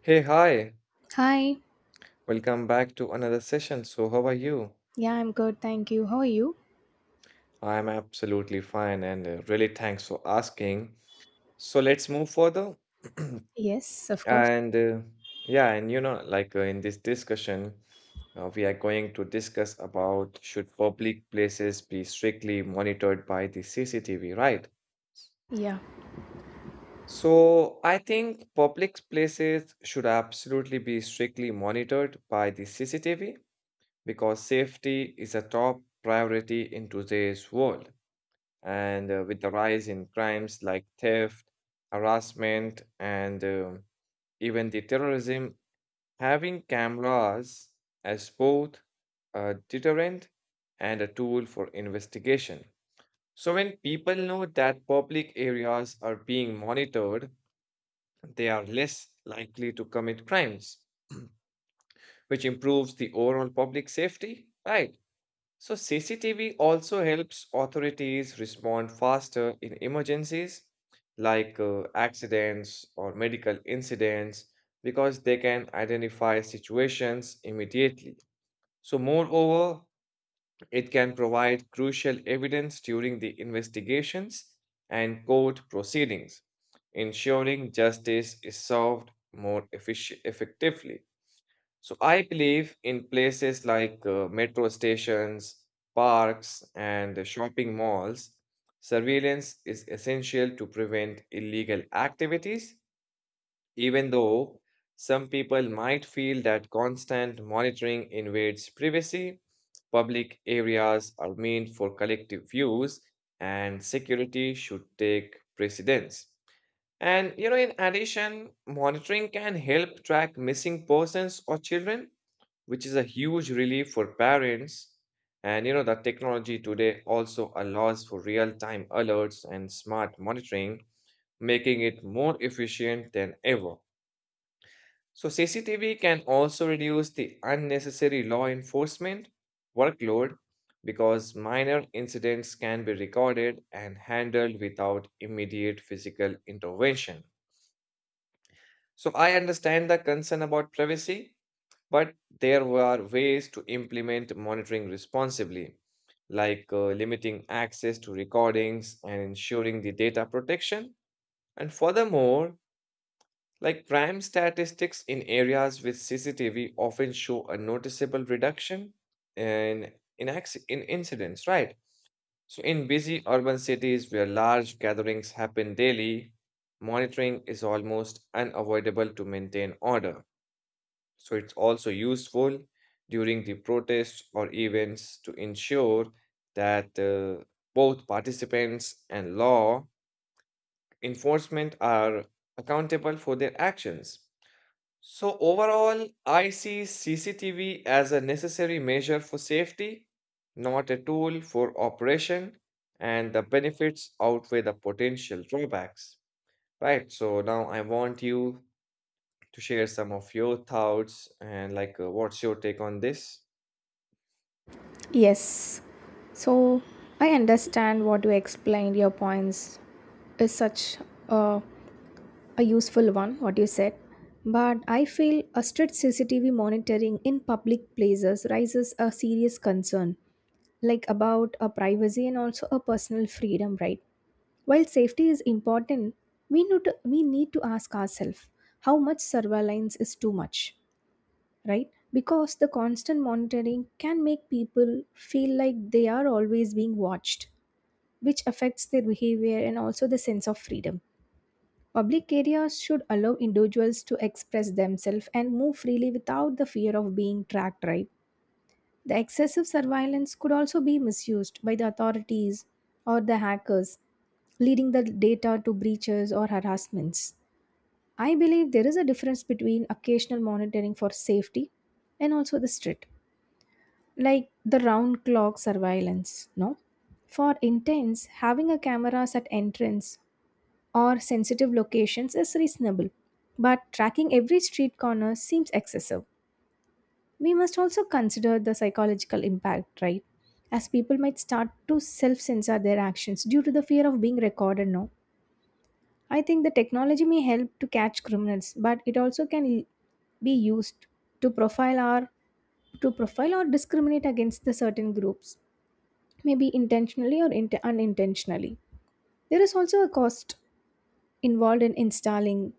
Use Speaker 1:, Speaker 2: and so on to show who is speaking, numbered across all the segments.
Speaker 1: Hey, hi.
Speaker 2: Hi.
Speaker 1: Welcome back to another session. So, how are you?
Speaker 2: Yeah, I'm good. Thank you. How are you?
Speaker 1: I'm absolutely fine and really thanks for asking. So, let's move further.
Speaker 2: Yes, of course.
Speaker 1: And yeah, and you know, like In this discussion, we are going to discuss about should public places be strictly monitored by the CCTV, right?
Speaker 2: Yeah.
Speaker 1: So, I think public places should absolutely be strictly monitored by the CCTV because safety is a top priority in today's world. And with the rise in crimes like theft, harassment, and even the terrorism, having cameras as both a deterrent and a tool for investigation. So, when people know that public areas are being monitored, they are less likely to commit crimes, which improves the overall public safety, right? So, CCTV also helps authorities respond faster in emergencies like accidents or medical incidents because they can identify situations immediately. So, moreover, it can provide crucial evidence during the investigations and court proceedings, ensuring justice is served more effectively. So I believe in places like metro stations, parks, and the shopping malls, surveillance is essential to prevent illegal activities, even though some people might feel that constant monitoring invades privacy. Public areas are meant for collective use, and security should take precedence. And you know, in addition, monitoring can help track missing persons or children, which is a huge relief for parents. And you know, the technology today also allows for real-time alerts and smart monitoring, making it more efficient than ever. So CCTV can also reduce the unnecessary law enforcement workload because minor incidents can be recorded and handled without immediate physical intervention. So I understand the concern about privacy, but there were ways to implement monitoring responsibly, like limiting access to recordings and ensuring the data protection. And furthermore, like crime statistics in areas with CCTV often show a noticeable reduction in, in incidents, right? So, in busy urban cities where large gatherings happen daily, monitoring is almost unavoidable to maintain order. So it's also useful during the protests or events to ensure that both participants and law enforcement are accountable for their actions. So overall, I see CCTV as a necessary measure for safety, not a tool for operation, and the benefits outweigh the potential drawbacks. Right, so now I want you to share some of your thoughts and what's your take on this?
Speaker 2: Yes. So I understand what you explained. Your points is such a, a useful one, what you said. But I feel a strict CCTV monitoring in public places raises a serious concern, like about a privacy and also a personal freedom, right? While safety is important, we need to ask ourselves how much surveillance is too much. Right? Because the constant monitoring can make people feel like they are always being watched, which affects their behavior and also the sense of freedom. Public areas should allow individuals to express themselves and move freely without the fear of being tracked, right? The excessive surveillance could also be misused by the authorities or the hackers, leading the data to breaches or harassments. I believe there is a difference between occasional monitoring for safety and also the strict, like the round clock surveillance, no? For intents, having a cameras at entrance or sensitive locations is reasonable, but tracking every street corner seems excessive. We must also consider the psychological impact, right? As people might start to self censor their actions due to the fear of being recorded, no? I think the technology may help to catch criminals, but it also can be used to profile or discriminate against the certain groups, maybe intentionally or unintentionally. There is also a cost involved in installing,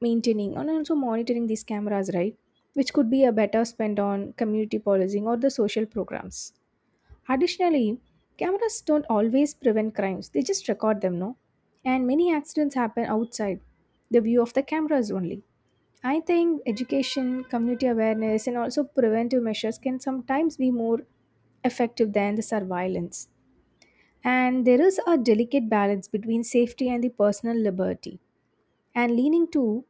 Speaker 2: maintaining, and also monitoring these cameras, right? Which could be a better spent on community policing or the social programs. Additionally, cameras don't always prevent crimes, they just record them, no? And many accidents happen outside the view of the cameras only. I think education, community awareness, and also preventive measures can sometimes be more effective than the surveillance. And there is a delicate balance between safety and the personal liberty. And leaning too,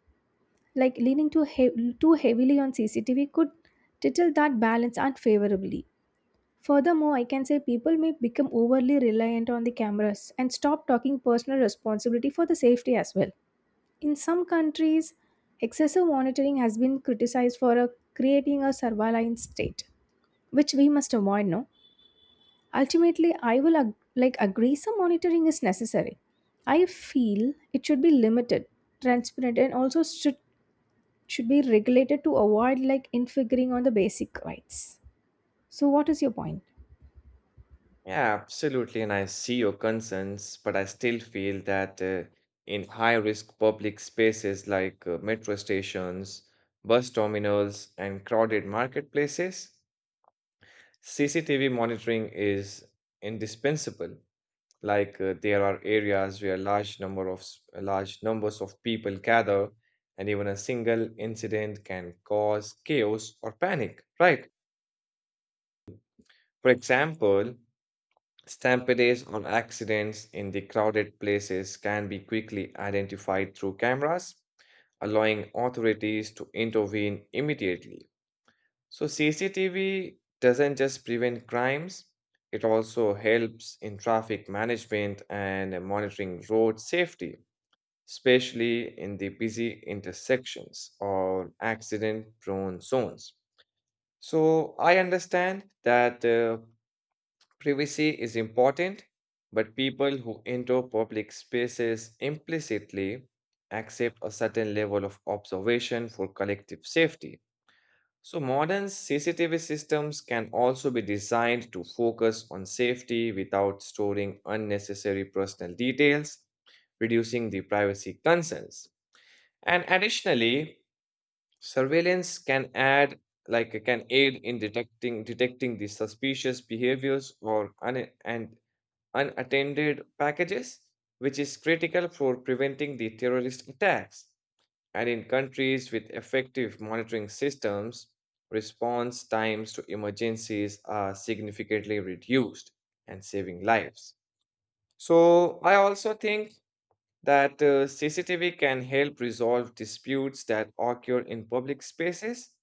Speaker 2: like leaning too, heav- too heavily on CCTV could title that balance unfavorably. Furthermore, I can say people may become overly reliant on the cameras and stop talking personal responsibility for the safety as well. In some countries, excessive monitoring has been criticized for creating a surveillance state, which we must avoid, no? Ultimately, I will agree some monitoring is necessary. I feel it should be limited, transparent, and also should be regulated to avoid like infringing on the basic rights. So, what is your point?
Speaker 1: Yeah, absolutely. And I see your concerns, but I still feel that in high risk public spaces like metro stations, bus terminals, and crowded marketplaces, CCTV monitoring is indispensable. Like there are areas where large numbers of people gather, and even a single incident can cause chaos or panic, right? For example, stampedes or accidents in the crowded places can be quickly identified through cameras, allowing authorities to intervene immediately. So, CCTV doesn't just prevent crimes, it also helps in traffic management and monitoring road safety, especially in the busy intersections or accident prone zones. So I understand that privacy is important, but people who enter public spaces implicitly accept a certain level of observation for collective safety. So, modern CCTV systems can also be designed to focus on safety without storing unnecessary personal details, reducing the privacy concerns. And additionally, surveillance can add like can aid in detecting the suspicious behaviors or un- and unattended packages, which is critical for preventing the terrorist attacks. And in countries with effective monitoring systems, response times to emergencies are significantly reduced and saving lives. So, I also think that CCTV can help resolve disputes that occur in public spaces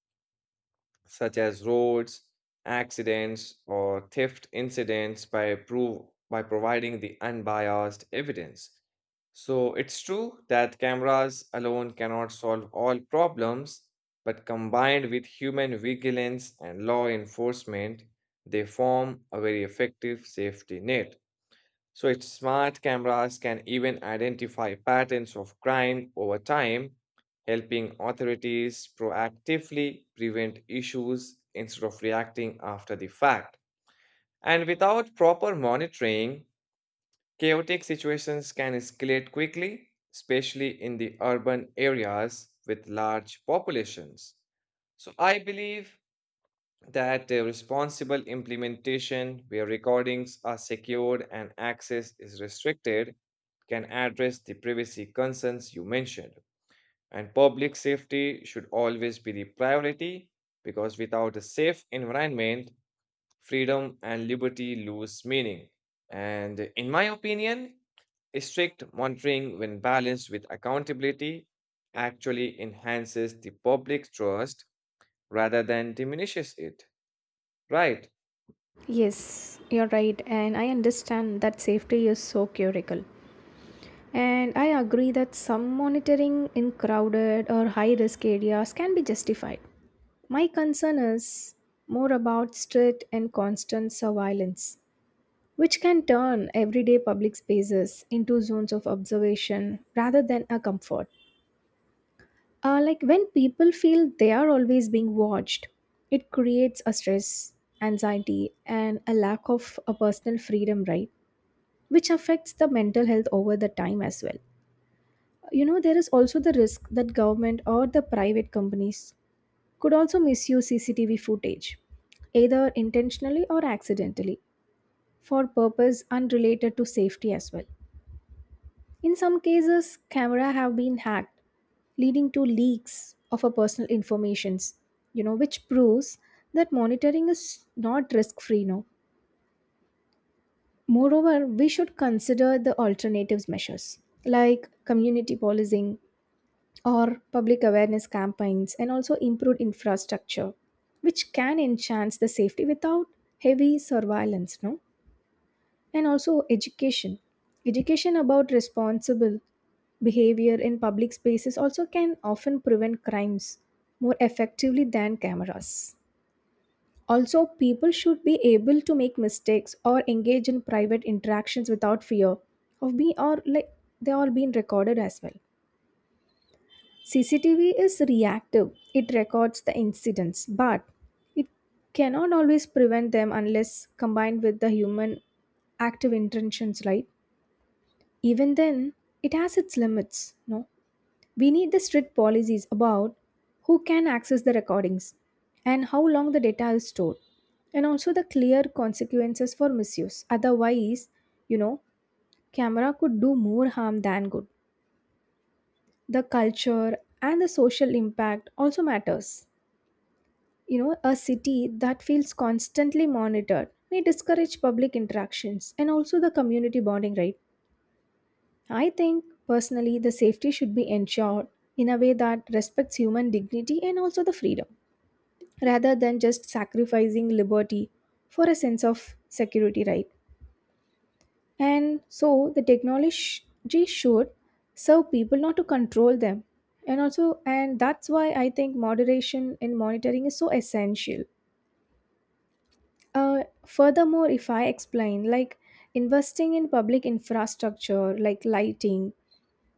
Speaker 1: such as roads, accidents, or theft incidents by providing the unbiased evidence. So it's true that cameras alone cannot solve all problems, but combined with human vigilance and law enforcement, they form a very effective safety net. So its smart cameras can even identify patterns of crime over time, helping authorities proactively prevent issues instead of reacting after the fact. And without proper monitoring, chaotic situations can escalate quickly, especially in the urban areas with large populations. So I believe that responsible implementation where recordings are secured and access is restricted can address the privacy concerns you mentioned. And public safety should always be the priority because without a safe environment, freedom and liberty lose meaning. And in my opinion, strict monitoring, when balanced with accountability, actually enhances the public trust rather than diminishes it. Right.
Speaker 2: Yes, you're right, and I understand that safety is so critical. And I agree that some monitoring in crowded or high risk areas can be justified. My concern is more about strict and constant surveillance which can turn everyday public spaces into zones of observation rather than a comfort. Like when people feel they are always being watched, it creates a stress, anxiety, and a lack of a personal freedom, right? Which affects the mental health over the time as well. You know, there is also the risk that government or the private companies could also misuse CCTV footage, either intentionally or accidentally, for purpose unrelated to safety as well. In some cases, camera have been hacked, leading to leaks of our personal informations, you know, which proves that monitoring is not risk-free now. Moreover, we should consider the alternatives measures like community policing or public awareness campaigns and also improved infrastructure, which can enhance the safety without heavy surveillance, no? And also education about responsible behavior in public spaces also can often prevent crimes more effectively than cameras. Also, people should be able to make mistakes or engage in private interactions without fear of being, or like they are being recorded as well. CCTV is reactive, it records the incidents, but it cannot always prevent them unless combined with the human active intentions, right? Even then it has its limits, no? We need the strict policies about who can access the recordings and how long the data is stored, and also the clear consequences for misuse. Otherwise, you know, camera could do more harm than good. The culture and the social impact also matters. You know, a city that feels constantly monitored may discourage public interactions and also the community bonding, right? I think personally the safety should be ensured in a way that respects human dignity and also the freedom, rather than just sacrificing liberty for a sense of security, right? And so the technology should serve people, not to control them. And that's why I think moderation in monitoring is so essential. Furthermore, if I explain, like investing in public infrastructure like lighting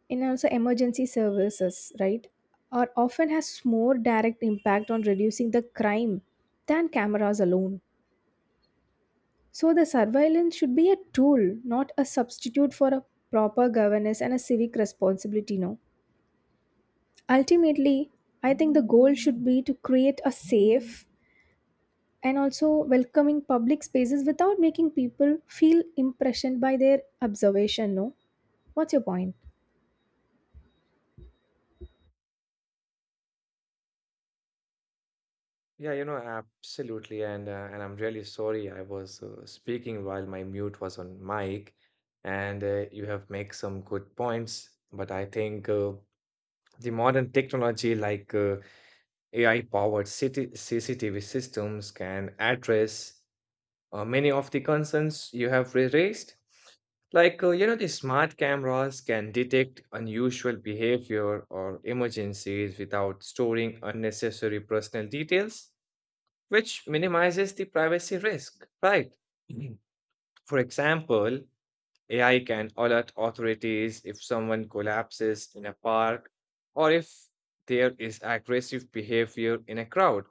Speaker 2: and also emergency services, right, are often has more direct impact on reducing the crime than cameras alone. So the surveillance should be a tool, not a substitute for a proper governance and a civic responsibility, no? Ultimately, I think the goal should be to create a safe and also welcoming public spaces without making people feel impressioned by their observation, no? What's your point?
Speaker 1: Yeah, you know, absolutely. And I'm really sorry I was speaking while my mute was on mic. And you have made some good points, but I think the modern technology like AI-powered city CCTV systems can address many of the concerns you have raised. Like, you know, the smart cameras can detect unusual behavior or emergencies without storing unnecessary personal details, which minimizes the privacy risk, right? Mhm. For example, AI can alert authorities if someone collapses in a park or if there is aggressive behavior in a crowd.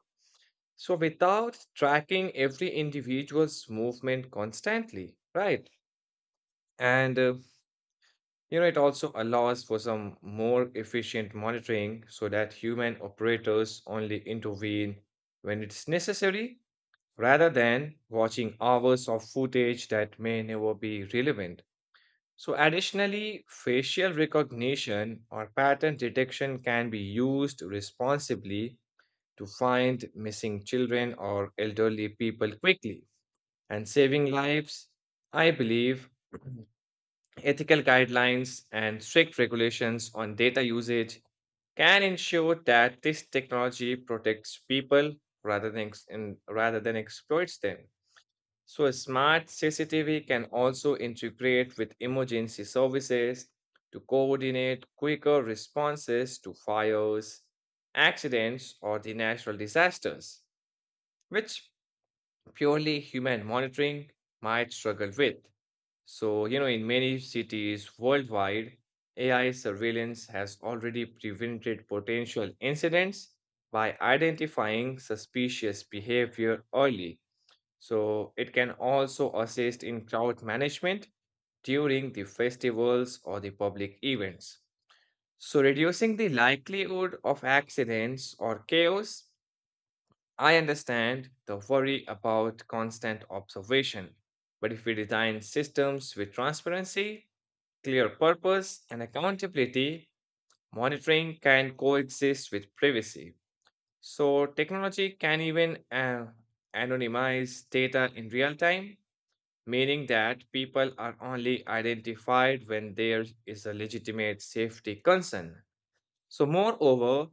Speaker 1: So, without tracking every individual's movement constantly, right? And you know, it also allows for some more efficient monitoring so that human operators only intervene when it's necessary rather than watching hours of footage that may never be relevant. So, additionally, facial recognition or pattern detection can be used responsibly to find missing children or elderly people quickly and saving lives. I believe ethical guidelines and strict regulations on data usage can ensure that this technology protects people rather than exploits them. So, a smart CCTV can also integrate with emergency services to coordinate quicker responses to fires, accidents, or the natural disasters, which purely human monitoring might struggle with. So, you know, in many cities worldwide, AI surveillance has already prevented potential incidents by identifying suspicious behavior early, so it can also assist in crowd management during the festivals or the public events. So reducing the likelihood of accidents or chaos, I understand the worry about constant observation. But if we design systems with transparency, clear purpose, and accountability, monitoring can coexist with privacy. So technology can even anonymize data in real time, meaning that people are only identified when there is a legitimate safety concern. So, moreover,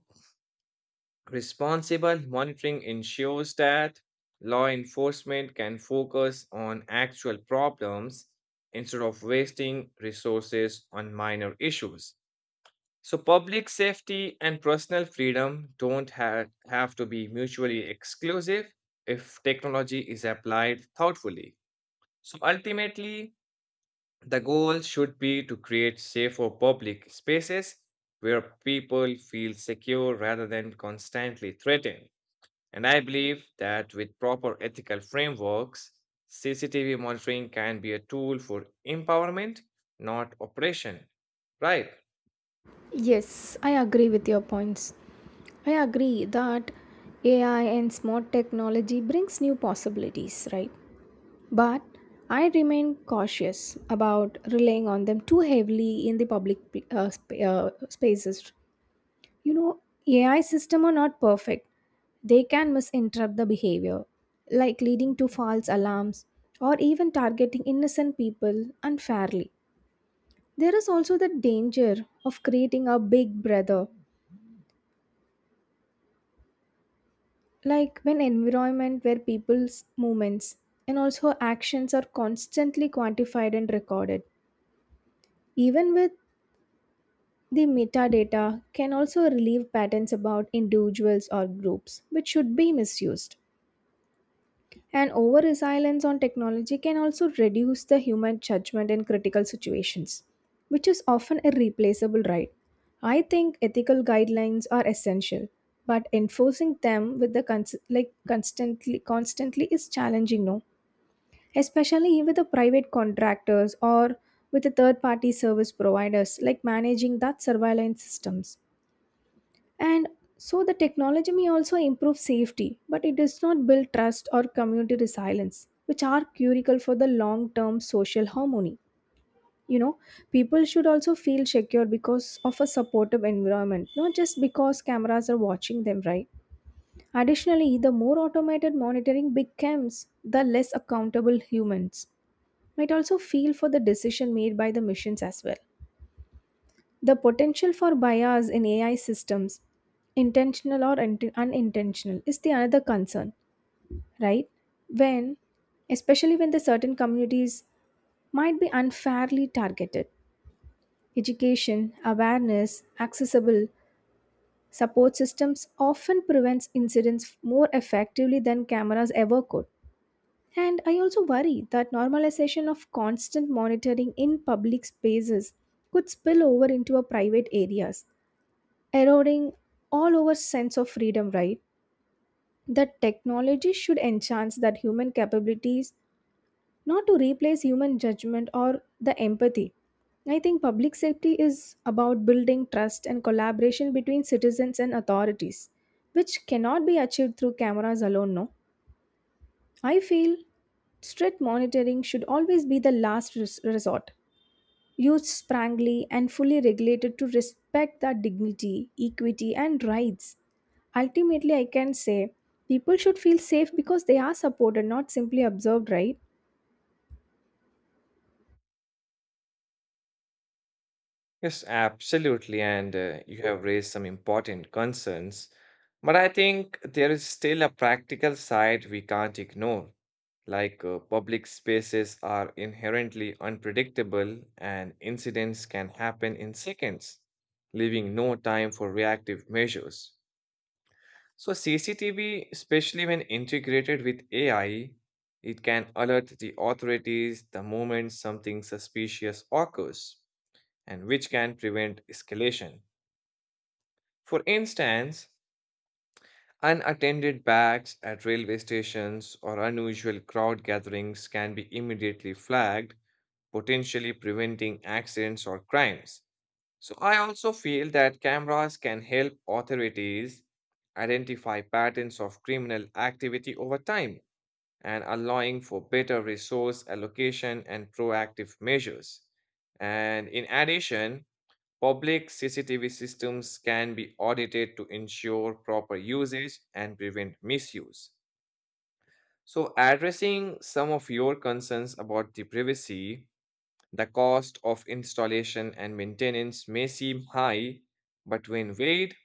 Speaker 1: responsible monitoring ensures that law enforcement can focus on actual problems instead of wasting resources on minor issues. So, public safety and personal freedom don't ha- have to be mutually exclusive if technology is applied thoughtfully. So, ultimately, the goal should be to create safer public spaces where people feel secure rather than constantly threatened. And I believe that with proper ethical frameworks, CCTV monitoring can be a tool for empowerment, not oppression. Right.
Speaker 2: Yes, I agree with your points. I agree that AI and smart technology brings new possibilities, right? But I remain cautious about relying on them too heavily in the public spaces. You know, AI system are not perfect. They can misinterpret the behavior, like leading to false alarms or even targeting innocent people unfairly. There is also the danger of creating a big brother like when environment where people's movements and also actions are constantly quantified and recorded, even with the metadata, can also relieve patterns about individuals or groups which should be misused. And over reliance on technology can also reduce the human judgment in critical situations, which is often a replaceable, right? I think ethical guidelines are essential, but enforcing them with the constantly is challenging, no? Especially with the private contractors or with the third party service providers like managing that surveillance systems. And so the technology may also improve safety, but it does not build trust or community resilience, which are critical for the long term social harmony. You know, people should also feel secure because of a supportive environment, not just because cameras are watching them, right? Additionally, the more automated monitoring becomes, the less accountable humans might also feel for the decision made by the machines as well. The potential for bias in AI systems, intentional or unintentional, is the another concern, right? When, especially when the certain communities might be unfairly targeted. Education, awareness, accessible support systems often prevents incidents more effectively than cameras ever could. And I also worry that normalization of constant monitoring in public spaces could spill over into our private areas, eroding all our sense of freedom, right? That technology should enhance that human capabilities, not to replace human judgment or the empathy. I think public safety is about building trust and collaboration between citizens and authorities, which cannot be achieved through cameras alone, no? I feel strict monitoring should always be the last resort, used sprangly and fully regulated to respect their dignity, equity, and rights. Ultimately, I can say people should feel safe because they are supported, not simply observed, right?
Speaker 1: Yes, absolutely. And you have raised some important concerns. But I think there is still a practical side we can't ignore. Like public spaces are inherently unpredictable and incidents can happen in seconds, leaving no time for reactive measures. So, CCTV, especially when integrated with AI, it can alert the authorities the moment something suspicious occurs, and which can prevent escalation. For instance, unattended bags at railway stations or unusual crowd gatherings can be immediately flagged, potentially preventing accidents or crimes. So, I also feel that cameras can help authorities identify patterns of criminal activity over time and allowing for better resource allocation and proactive measures. And in addition, public CCTV systems can be audited to ensure proper usage and prevent misuse. So, addressing some of your concerns about the privacy, the cost of installation and maintenance may seem high, but when weighed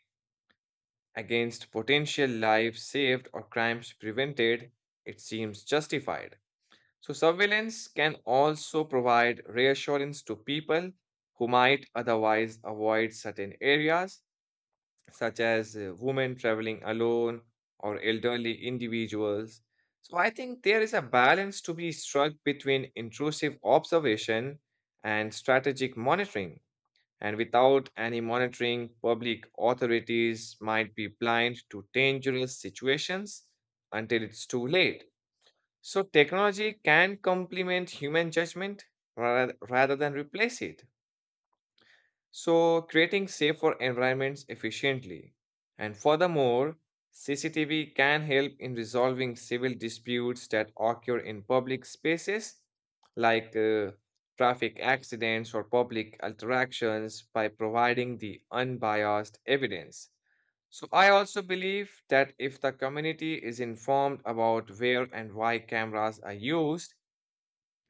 Speaker 1: against potential lives saved or crimes prevented, it seems justified. So, surveillance can also provide reassurance to people who might otherwise avoid certain areas such as women traveling alone or elderly individuals. So I think there is a balance to be struck between intrusive observation and strategic monitoring. And without any monitoring, public authorities might be blind to dangerous situations until it's too late. So technology can complement human judgment rather than replace it. So, creating safer environments efficiently. And furthermore, CCTV can help in resolving civil disputes that occur in public spaces, like traffic accidents or public interactions, by providing the unbiased evidence. So, I also believe that if the community is informed about where and why cameras are used,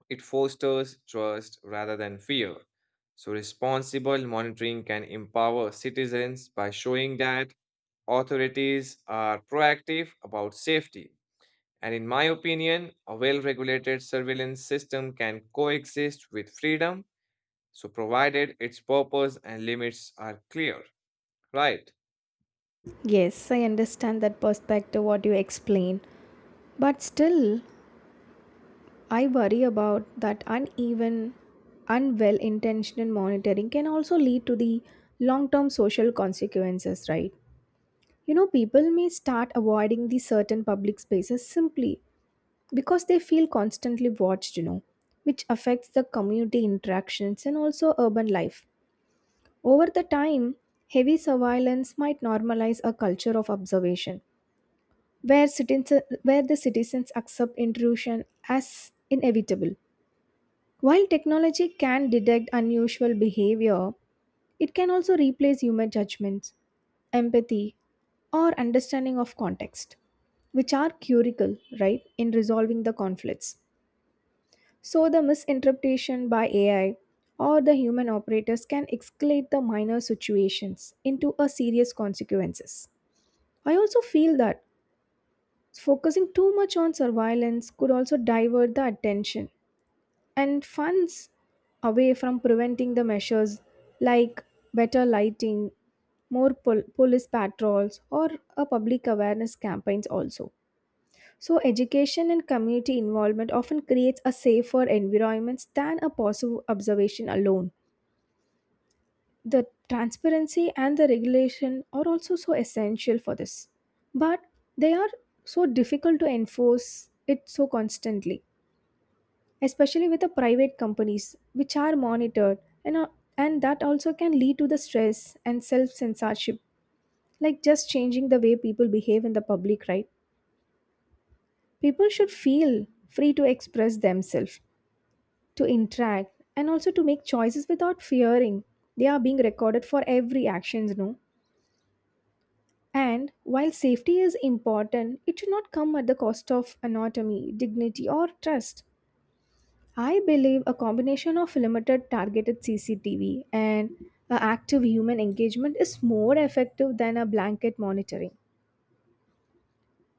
Speaker 1: it fosters trust rather than fear. So, responsible monitoring can empower citizens by showing that authorities are proactive about safety. And in my opinion, a well regulated surveillance system can coexist with freedom, so provided its purpose and limits are clear, right?
Speaker 2: Yes, I understand that perspective, what you explain. But still, I worry about that uneven, unwell intentioned monitoring can also lead to the long term social consequences, right? You know, people may start avoiding these certain public spaces simply because they feel constantly watched, you know, which affects the community interactions and also urban life. Over the time, heavy surveillance might normalize a culture of observation where, the citizens accept intrusion as inevitable. While technology can detect unusual behavior, it can also replace human judgments, empathy, or understanding of context, which are curical, right, in resolving the conflicts. So, the misinterpretation by AI or the human operators can escalate the minor situations into a serious consequences. I also feel that focusing too much on surveillance could also divert the attention and funds away from preventing the measures, like better lighting, more police patrols, or a public awareness campaigns also. So education and community involvement often creates a safer environment than a passive observation alone. The transparency and the regulation are also so essential for this, but they are so difficult to enforce it so constantly. Especially with the private companies, which are monitored, and, uh, and that also can lead to the stress and self censorship, like just changing the way people behave in the public, right? People should feel free to express themselves, to interact, and also to make choices without fearing they are being recorded for every actions, no? And while safety is important, it should not come at the cost of anatomy, dignity, or trust. I believe a combination of limited targeted CCTV and a active human engagement is more effective than a blanket monitoring.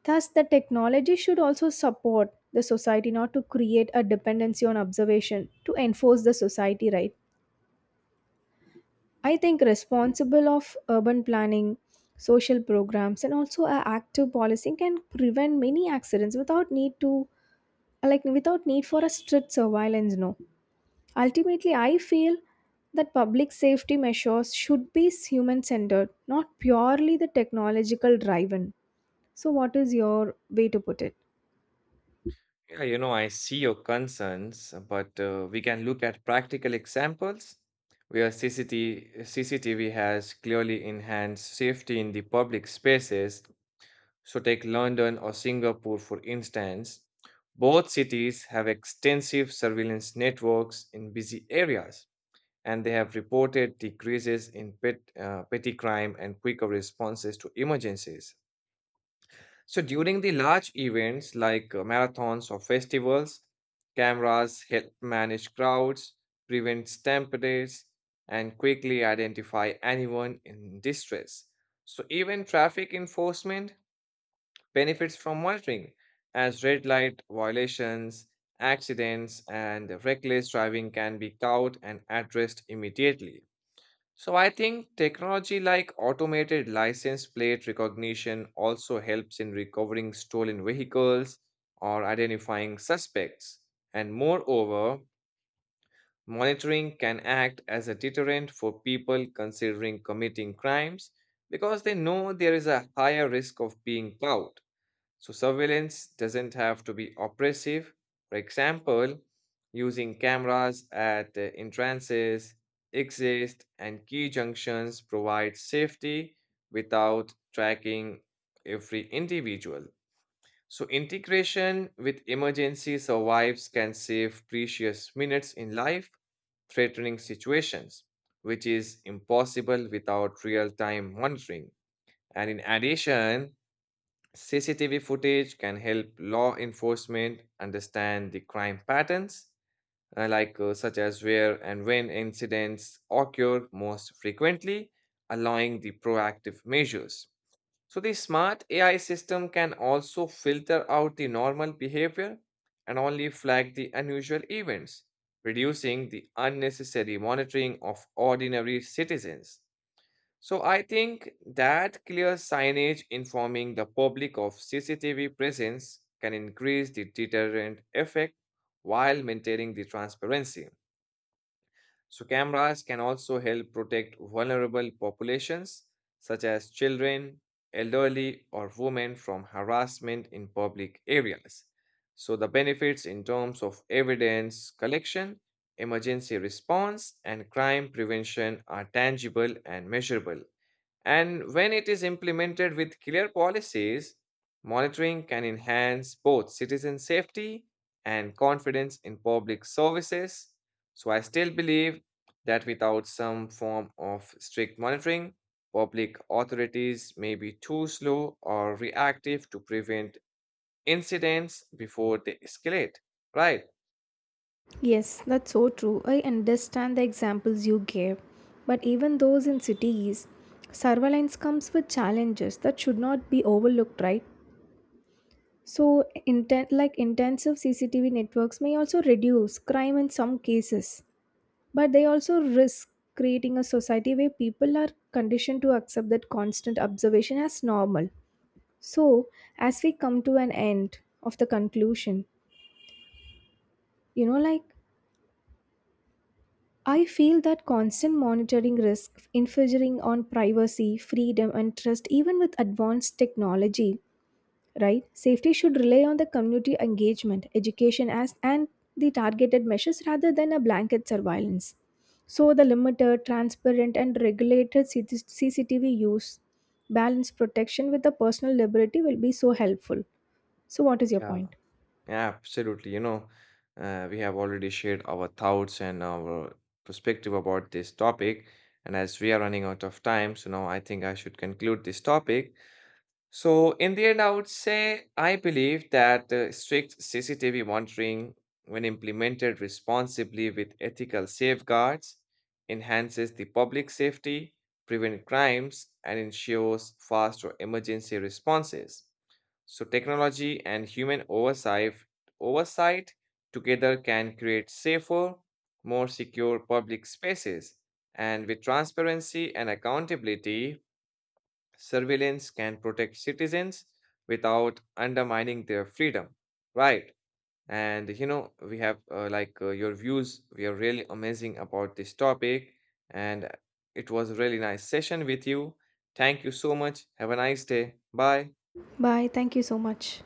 Speaker 2: Thus, the technology should also support the society, not to create a dependency on observation to enforce the society, right? I think responsible of urban planning, social programs, and also a active policing can prevent many accidents without need for a strict surveillance. No. Ultimately, I feel that public safety measures should be human centered, not purely the technological driven. So, what is your way to put it?
Speaker 1: Yeah, you know, I see your concerns, but we can look at practical examples where CCTV has clearly enhanced safety in the public spaces. So, take London or Singapore, for instance. Both cities have extensive surveillance networks in busy areas, and they have reported decreases in petty crime and quicker responses to emergencies. So during the large events like marathons or festivals, cameras help manage crowds, prevent stampeders, and quickly identify anyone in distress. So even traffic enforcement benefits from monitoring, as red light violations, accidents, and reckless driving can be caught and addressed immediately. So I think technology like automated license plate recognition also helps in recovering stolen vehicles or identifying suspects. And moreover, monitoring can act as a deterrent for people considering committing crimes because they know there is a higher risk of being caught. So, surveillance doesn't have to be oppressive. For example, using cameras at entrances, exits, and key junctions provides safety without tracking every individual. So, integration with emergency survives can save precious minutes in life threatening situations, which is impossible without real time monitoring. And in addition, CCTV footage can help law enforcement understand the crime patterns, such as where and when incidents occur most frequently, allowing the proactive measures. So the smart AI system can also filter out the normal behavior and only flag the unusual events, reducing the unnecessary monitoring of ordinary citizens. So I think that clear signage informing the public of CCTV presence can increase the deterrent effect while maintaining the transparency. So cameras can also help protect vulnerable populations such as children, elderly or women from harassment in public areas. So the benefits in terms of evidence collection, emergency response and crime prevention are tangible and measurable. And when it is implemented with clear policies, monitoring can enhance both citizen safety and confidence in public services. So I still believe that without some form of strict monitoring, public authorities may be too slow or reactive to prevent incidents before they escalate. Right.
Speaker 2: Yes, that's so true. I understand the examples you gave. But even those in cities, surveillance comes with challenges that should not be overlooked, right? So, intensive CCTV networks may also reduce crime in some cases. But they also risk creating a society where people are conditioned to accept that constant observation as normal. So, as we come to an end of the conclusion, you know, like I feel that constant monitoring risks infringing on privacy, freedom, and trust, even with advanced technology. Right? Safety should rely on the community engagement, education as and the targeted measures rather than a blanket surveillance. So the limited, transparent and regulated CT CCTV use balance protection with the personal liberty will be so helpful. So what is your
Speaker 1: Yeah,
Speaker 2: point?
Speaker 1: absolutely. You know, we have already shared our thoughts and our perspective about this topic. And as we are running out of time, so now I think I should conclude this topic. So, in the end, I would say I believe that strict CCTV monitoring, when implemented responsibly with ethical safeguards, enhances the public safety, prevents crimes, and ensures faster emergency responses. So, technology and human oversight, oversight together can create safer, more secure public spaces. And with transparency and accountability, surveillance can protect citizens without undermining their freedom. Right. And you know, we have your views. We are really amazing about this topic. And it was a really nice session with you. Thank you so much. Have a nice day. Bye.
Speaker 2: Bye. Thank you so much.